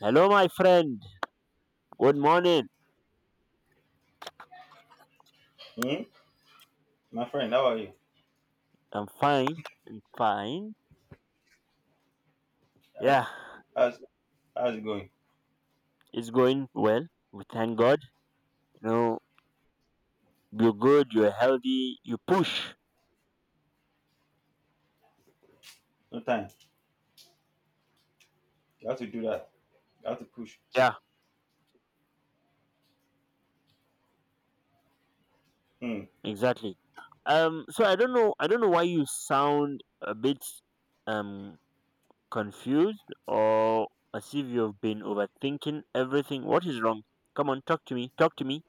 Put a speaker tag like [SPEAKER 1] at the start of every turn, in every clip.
[SPEAKER 1] Hello, my friend. Good morning.
[SPEAKER 2] Hmm? My friend, how are you?
[SPEAKER 1] I'm fine. I'm fine.
[SPEAKER 2] How-
[SPEAKER 1] Yeah,
[SPEAKER 2] How's, how's it going?
[SPEAKER 1] it's going well. We thank God. You know, you're good. You're healthy. You push.
[SPEAKER 2] No time. You have to do that. You have to push.
[SPEAKER 1] Yeah,
[SPEAKER 2] Hmm,
[SPEAKER 1] exactly. So I don't know. I don't know why you sound a bit um confused or as if you've been overthinking everything. What is wrong? Come on, talk to me. Talk to me.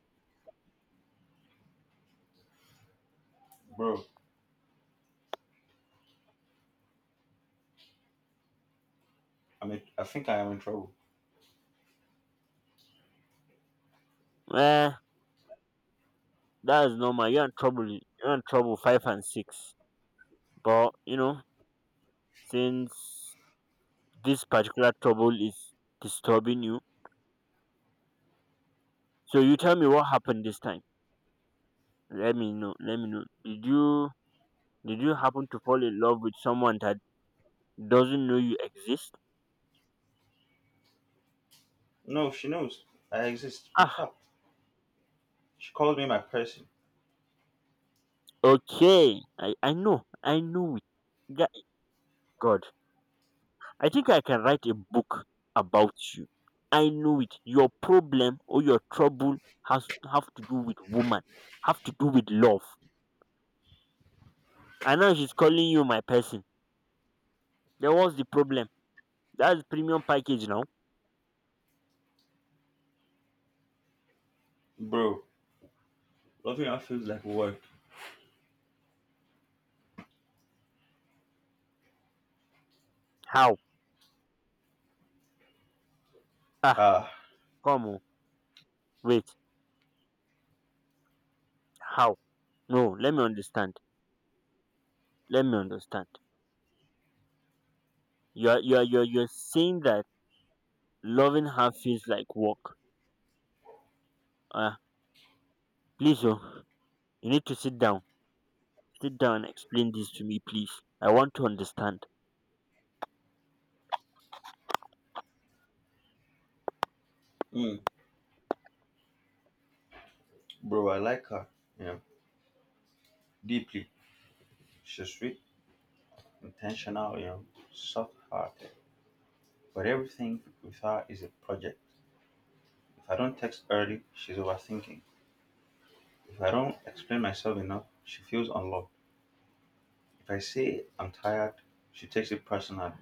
[SPEAKER 2] bro, I mean, I think I am in trouble.
[SPEAKER 1] Eh, that is normal. You're in trouble. You're in trouble. Five and six. But you know, since this particular trouble is disturbing you. So you tell me what happened this time. Let me know. Let me know. Did you happen to fall in love with someone that doesn't know you exist?
[SPEAKER 2] No, she knows I exist. In
[SPEAKER 1] Ah,
[SPEAKER 2] fact, she called me my person.
[SPEAKER 1] okay. I know. I know it. Ga- God, I think I can write a book about you. I know it. Your problem or your trouble has have to do with woman. Have to do with love. And now she's calling you my person. There was the problem. That's premium package now.
[SPEAKER 2] Bro, loving her feels like work.
[SPEAKER 1] How? Ah,
[SPEAKER 2] Ah,
[SPEAKER 1] Come on. Wait. How? No, let me understand. Let me understand. You're saying that loving her feels like work. Ah, Please, you need to sit down. Sit down and explain this to me, please. I want to understand.
[SPEAKER 2] hmm, bro, I like her, you know, deeply. She's sweet, intentional, you know, soft-hearted. But everything with her is a project. If I don't text early, she's overthinking. If I don't explain myself enough, she feels unloved. If I say I'm tired, she takes it personally.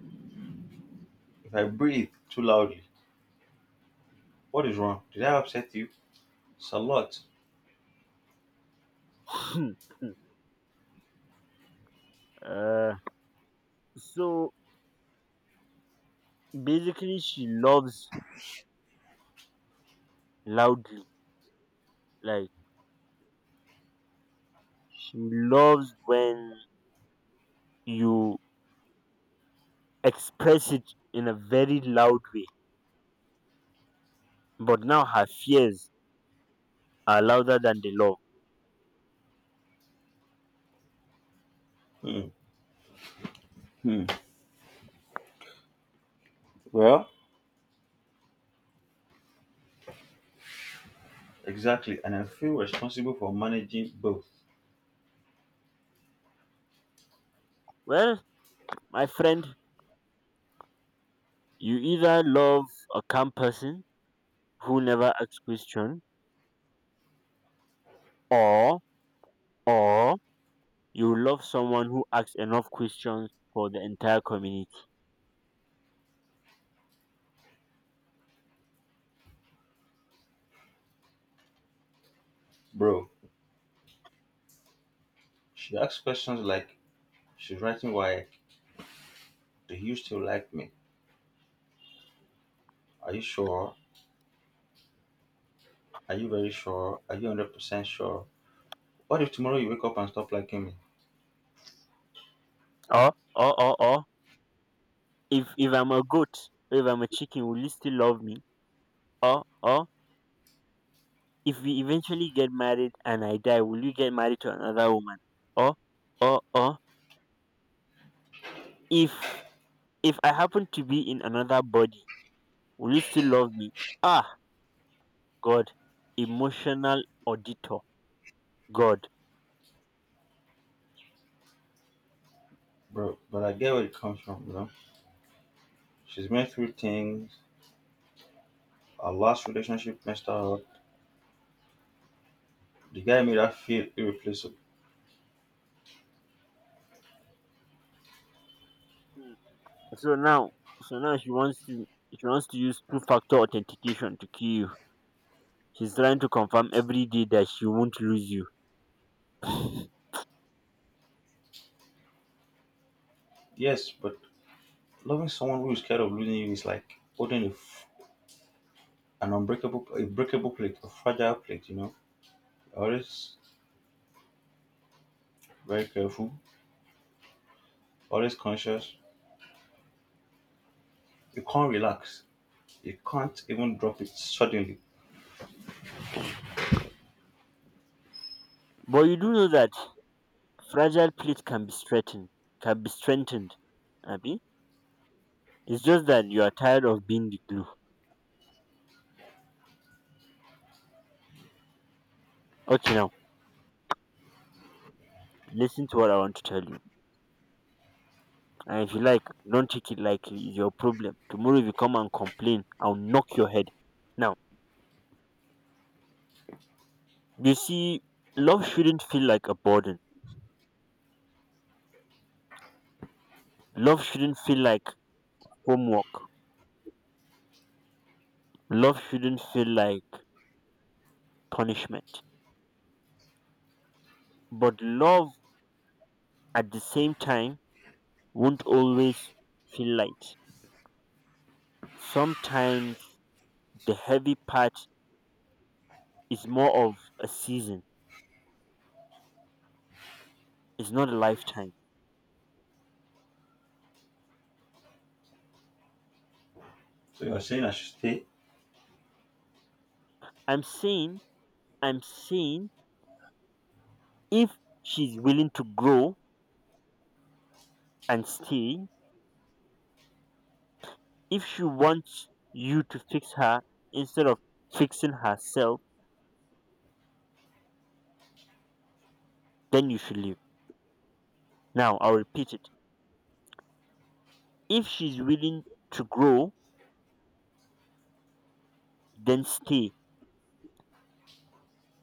[SPEAKER 2] If I breathe too loudly, what is wrong? Did I upset you? It's a lot.
[SPEAKER 1] uh, so basically she loves loudly. Like she loves when you express it in a very loud way. But now her fears are louder than the love.
[SPEAKER 2] Hmm. Hmm. Well, exactly, and I feel responsible for managing both.
[SPEAKER 1] Well, my friend, you either love a calm person who never asks questions, or or you love someone who asks enough questions for the entire community.
[SPEAKER 2] Bro, she asks questions like, she's writing why, do you still like me? Are you sure? Are you very sure? Are you 100% sure? What if tomorrow you wake up and stop liking me?
[SPEAKER 1] Or if I'm a goat, or if I'm a chicken, will you still love me? Or if we eventually get married and I die, will you get married to another woman? Or or if if I happen to be in another body, will you still love me? Ah, God, emotional auditor, God.
[SPEAKER 2] Bro, but I get where it comes from, you know? She's been through things. Our last relationship messed her up. The guy made her feel irreplaceable.
[SPEAKER 1] Mm. So now, so now, she wants to use two factor authentication to kill you. She's trying to confirm every day that she won't lose you.
[SPEAKER 2] Yes, but loving someone who is scared of losing you is like holding an unbreakable, a breakable plate, a fragile plate. You know, always very careful, always conscious. You can't relax. You can't even drop it suddenly.
[SPEAKER 1] But you do know that fragile plate can be strengthened, can be strengthened. Abby, it's just that you are tired of being the glue. Okay, now listen to what I want to tell you. And if you like, don't take it lightly. It's your problem. Tomorrow, if you come and complain, I'll knock your head. Now, you see, love shouldn't feel like a burden. Love shouldn't feel like homework. Love shouldn't feel like punishment, but love at the same time won't always feel light. Sometimes the heavy part is more of a season, it's not a lifetime.
[SPEAKER 2] So you're saying I should stay?
[SPEAKER 1] I'm saying, I'm saying, if she's willing to grow and stay, if she wants you to fix her instead of fixing herself, then you should leave. Now, I'll repeat it. If she's willing to grow, then stay.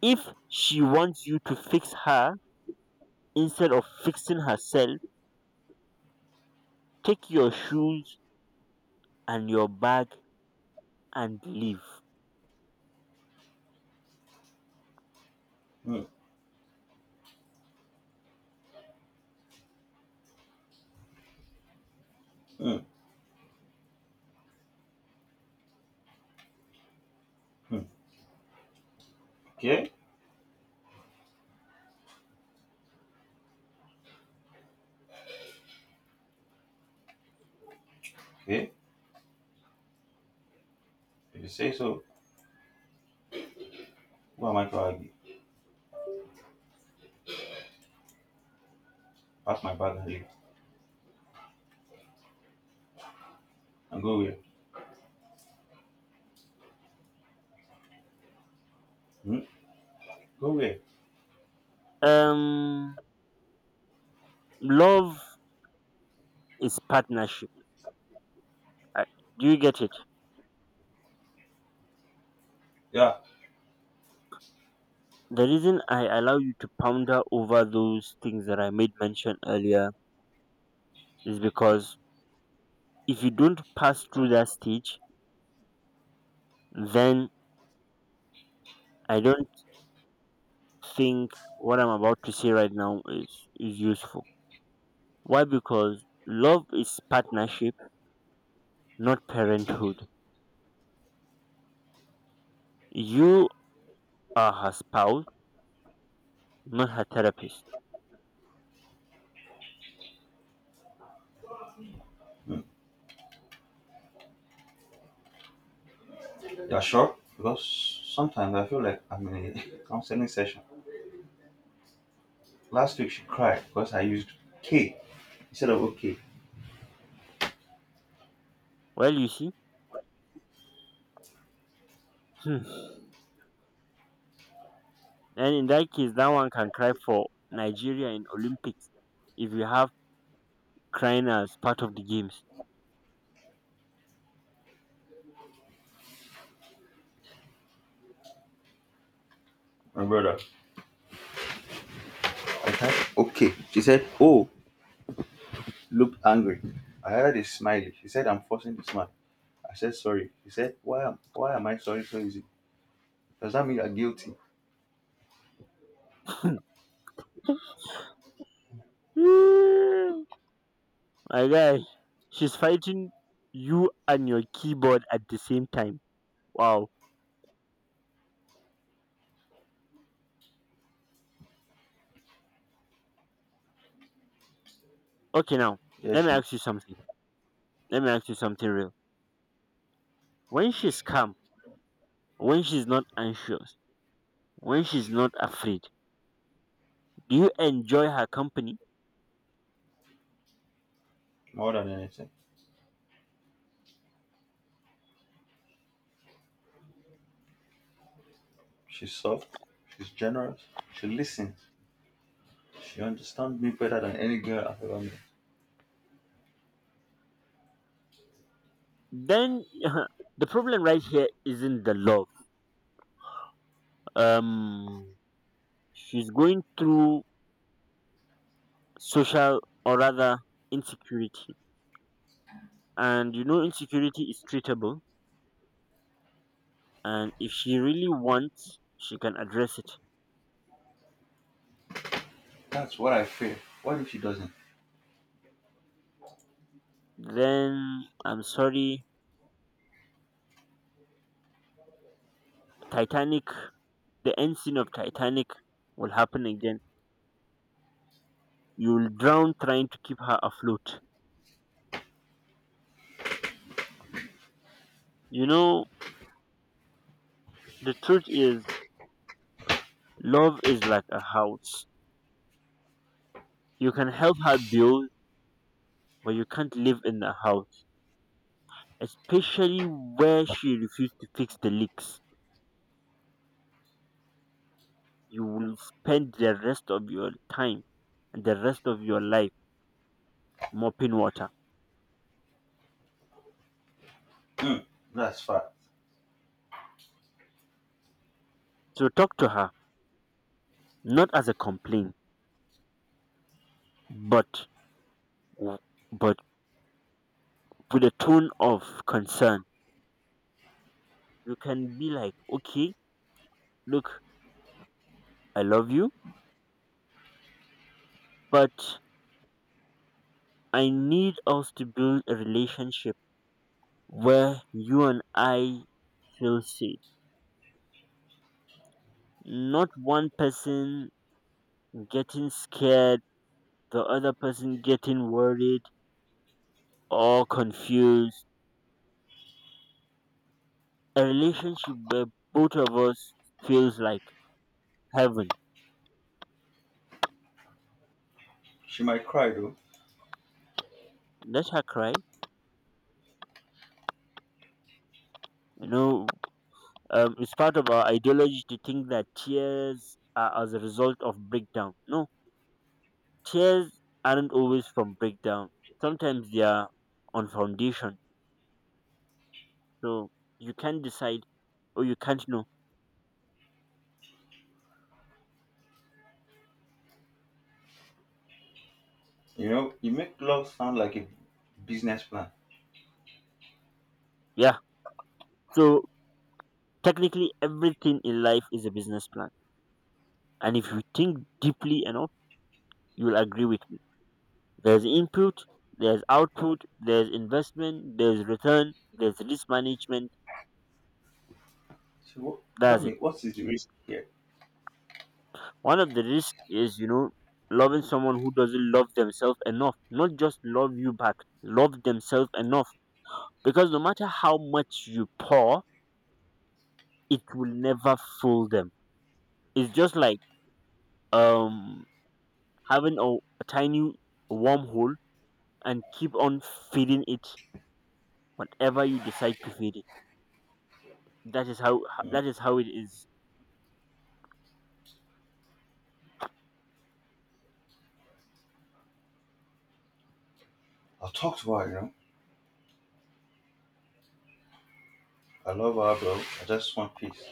[SPEAKER 1] If she wants you to fix her instead of fixing herself, take your shoes and your bag and leave.
[SPEAKER 2] Mm, mm, mm. Okay, okay. If you say so, who am I to argue? Pack my bag and leave, and go where? Hmm. Go where?
[SPEAKER 1] Um, Love is partnership. Uh, Do you get it?
[SPEAKER 2] Yeah,
[SPEAKER 1] The reason I allow you to ponder over those things that I made mention earlier is because if you don't pass through that stage, then I don't think what I'm about to say right now is useful. Why? Because love is partnership not parenthood. You are her spouse, not her therapist.
[SPEAKER 2] yeah, sure. Because sometimes I feel like I'm in a counseling session. Last week she cried because I used K instead of okay.
[SPEAKER 1] Well, you see, hmm. And in that case, that one can cry for Nigeria in Olympics if you have crying as part of the games.
[SPEAKER 2] My brother. I typed okay. She said, oh, looked angry. I added a smiley. She said, I'm forcing the smile. I said, sorry. She said, why am I sorry so easy? Does that mean you're guilty?
[SPEAKER 1] Hmm. My guy, she's fighting you and your keyboard at the same time. Wow. Okay, now
[SPEAKER 2] Yeah,
[SPEAKER 1] let me
[SPEAKER 2] she,
[SPEAKER 1] ask you something. Let me ask you something real. When she's calm, when she's not anxious, when she's not afraid, do you enjoy her company?
[SPEAKER 2] more than anything. She's soft. She's generous. She listens. She understands me better than any girl I've ever met.
[SPEAKER 1] Then the problem right here isn't the love. Um, she's going through social or rather insecurity, and you know insecurity is treatable. And if she really wants, she can address it.
[SPEAKER 2] That's what I fear. What if she doesn't?
[SPEAKER 1] Then I'm sorry, Titanic. The end scene of Titanic will happen again. You'll drown trying to keep her afloat. You know the truth is, love is like a house. You can help her build but you can't live in the house, especially where she refused to fix the leaks. You will spend the rest of your time and the rest of your life mopping water.
[SPEAKER 2] Hmm, that's fact.
[SPEAKER 1] So talk to her, not as a complaint, but but with a tone of concern. You can be like, okay, look, I love you, but I need us to build a relationship where you and I feel safe. Not one person getting scared, the other person getting worried or confused. A relationship where both of us feels like heaven.
[SPEAKER 2] She might cry though.
[SPEAKER 1] Let her cry. You know, it's part of our ideology to think that tears are as a result of breakdown. No, tears aren't always from breakdown. Sometimes they are on foundation. So you can't decide or you can't know.
[SPEAKER 2] You know, you make love sound like a business plan.
[SPEAKER 1] Yeah. So technically, everything in life is a business plan. And if you think deeply enough, you will agree with me. There's input, there's output, there's investment, there's return, there's risk management.
[SPEAKER 2] So what, tell
[SPEAKER 1] That's
[SPEAKER 2] me,
[SPEAKER 1] it.
[SPEAKER 2] what is the risk here?
[SPEAKER 1] One of the risks is, you know, loving someone who doesn't love themselves enough. Not just love you back, love themselves enough. Because no matter how much you pour, it will never fool them. It's just like um having a tiny wormhole and keep on feeding it whatever you decide to feed it. That is how
[SPEAKER 2] Mm.
[SPEAKER 1] that is how it is.
[SPEAKER 2] I'll talk to her, you know. I love her, bro. I just want peace.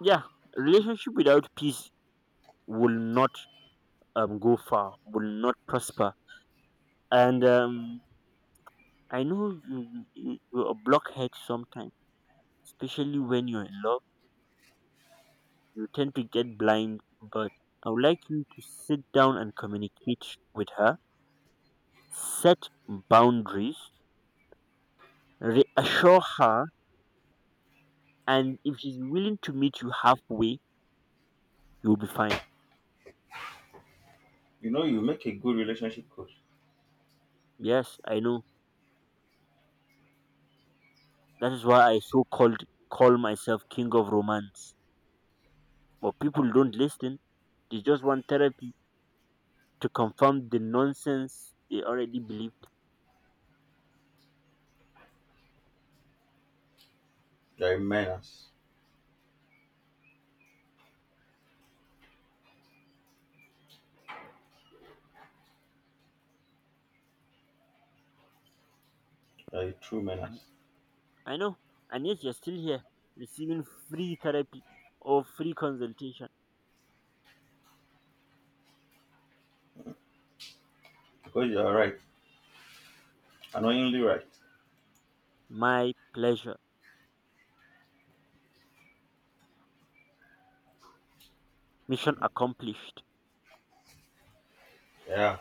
[SPEAKER 1] Yeah, relationship without peace will not go far, will not prosper, and I know you are a blockhead sometimes, especially when you're in love, you tend to get blind, but I would like you to sit down and communicate with her, set boundaries, reassure her, and if she's willing to meet you halfway, you'll be fine.
[SPEAKER 2] You know, you make a good relationship coach.
[SPEAKER 1] Yes, I know. That is why I call myself king of romance. But people don't listen. They just want therapy to confirm the nonsense they already believed.
[SPEAKER 2] You're a menace. You're a true
[SPEAKER 1] And
[SPEAKER 2] menace.
[SPEAKER 1] I know. And yet you're still here receiving free therapy or free consultation.
[SPEAKER 2] Because you are right. Annoyingly right.
[SPEAKER 1] My pleasure. Mission accomplished.
[SPEAKER 2] Yeah.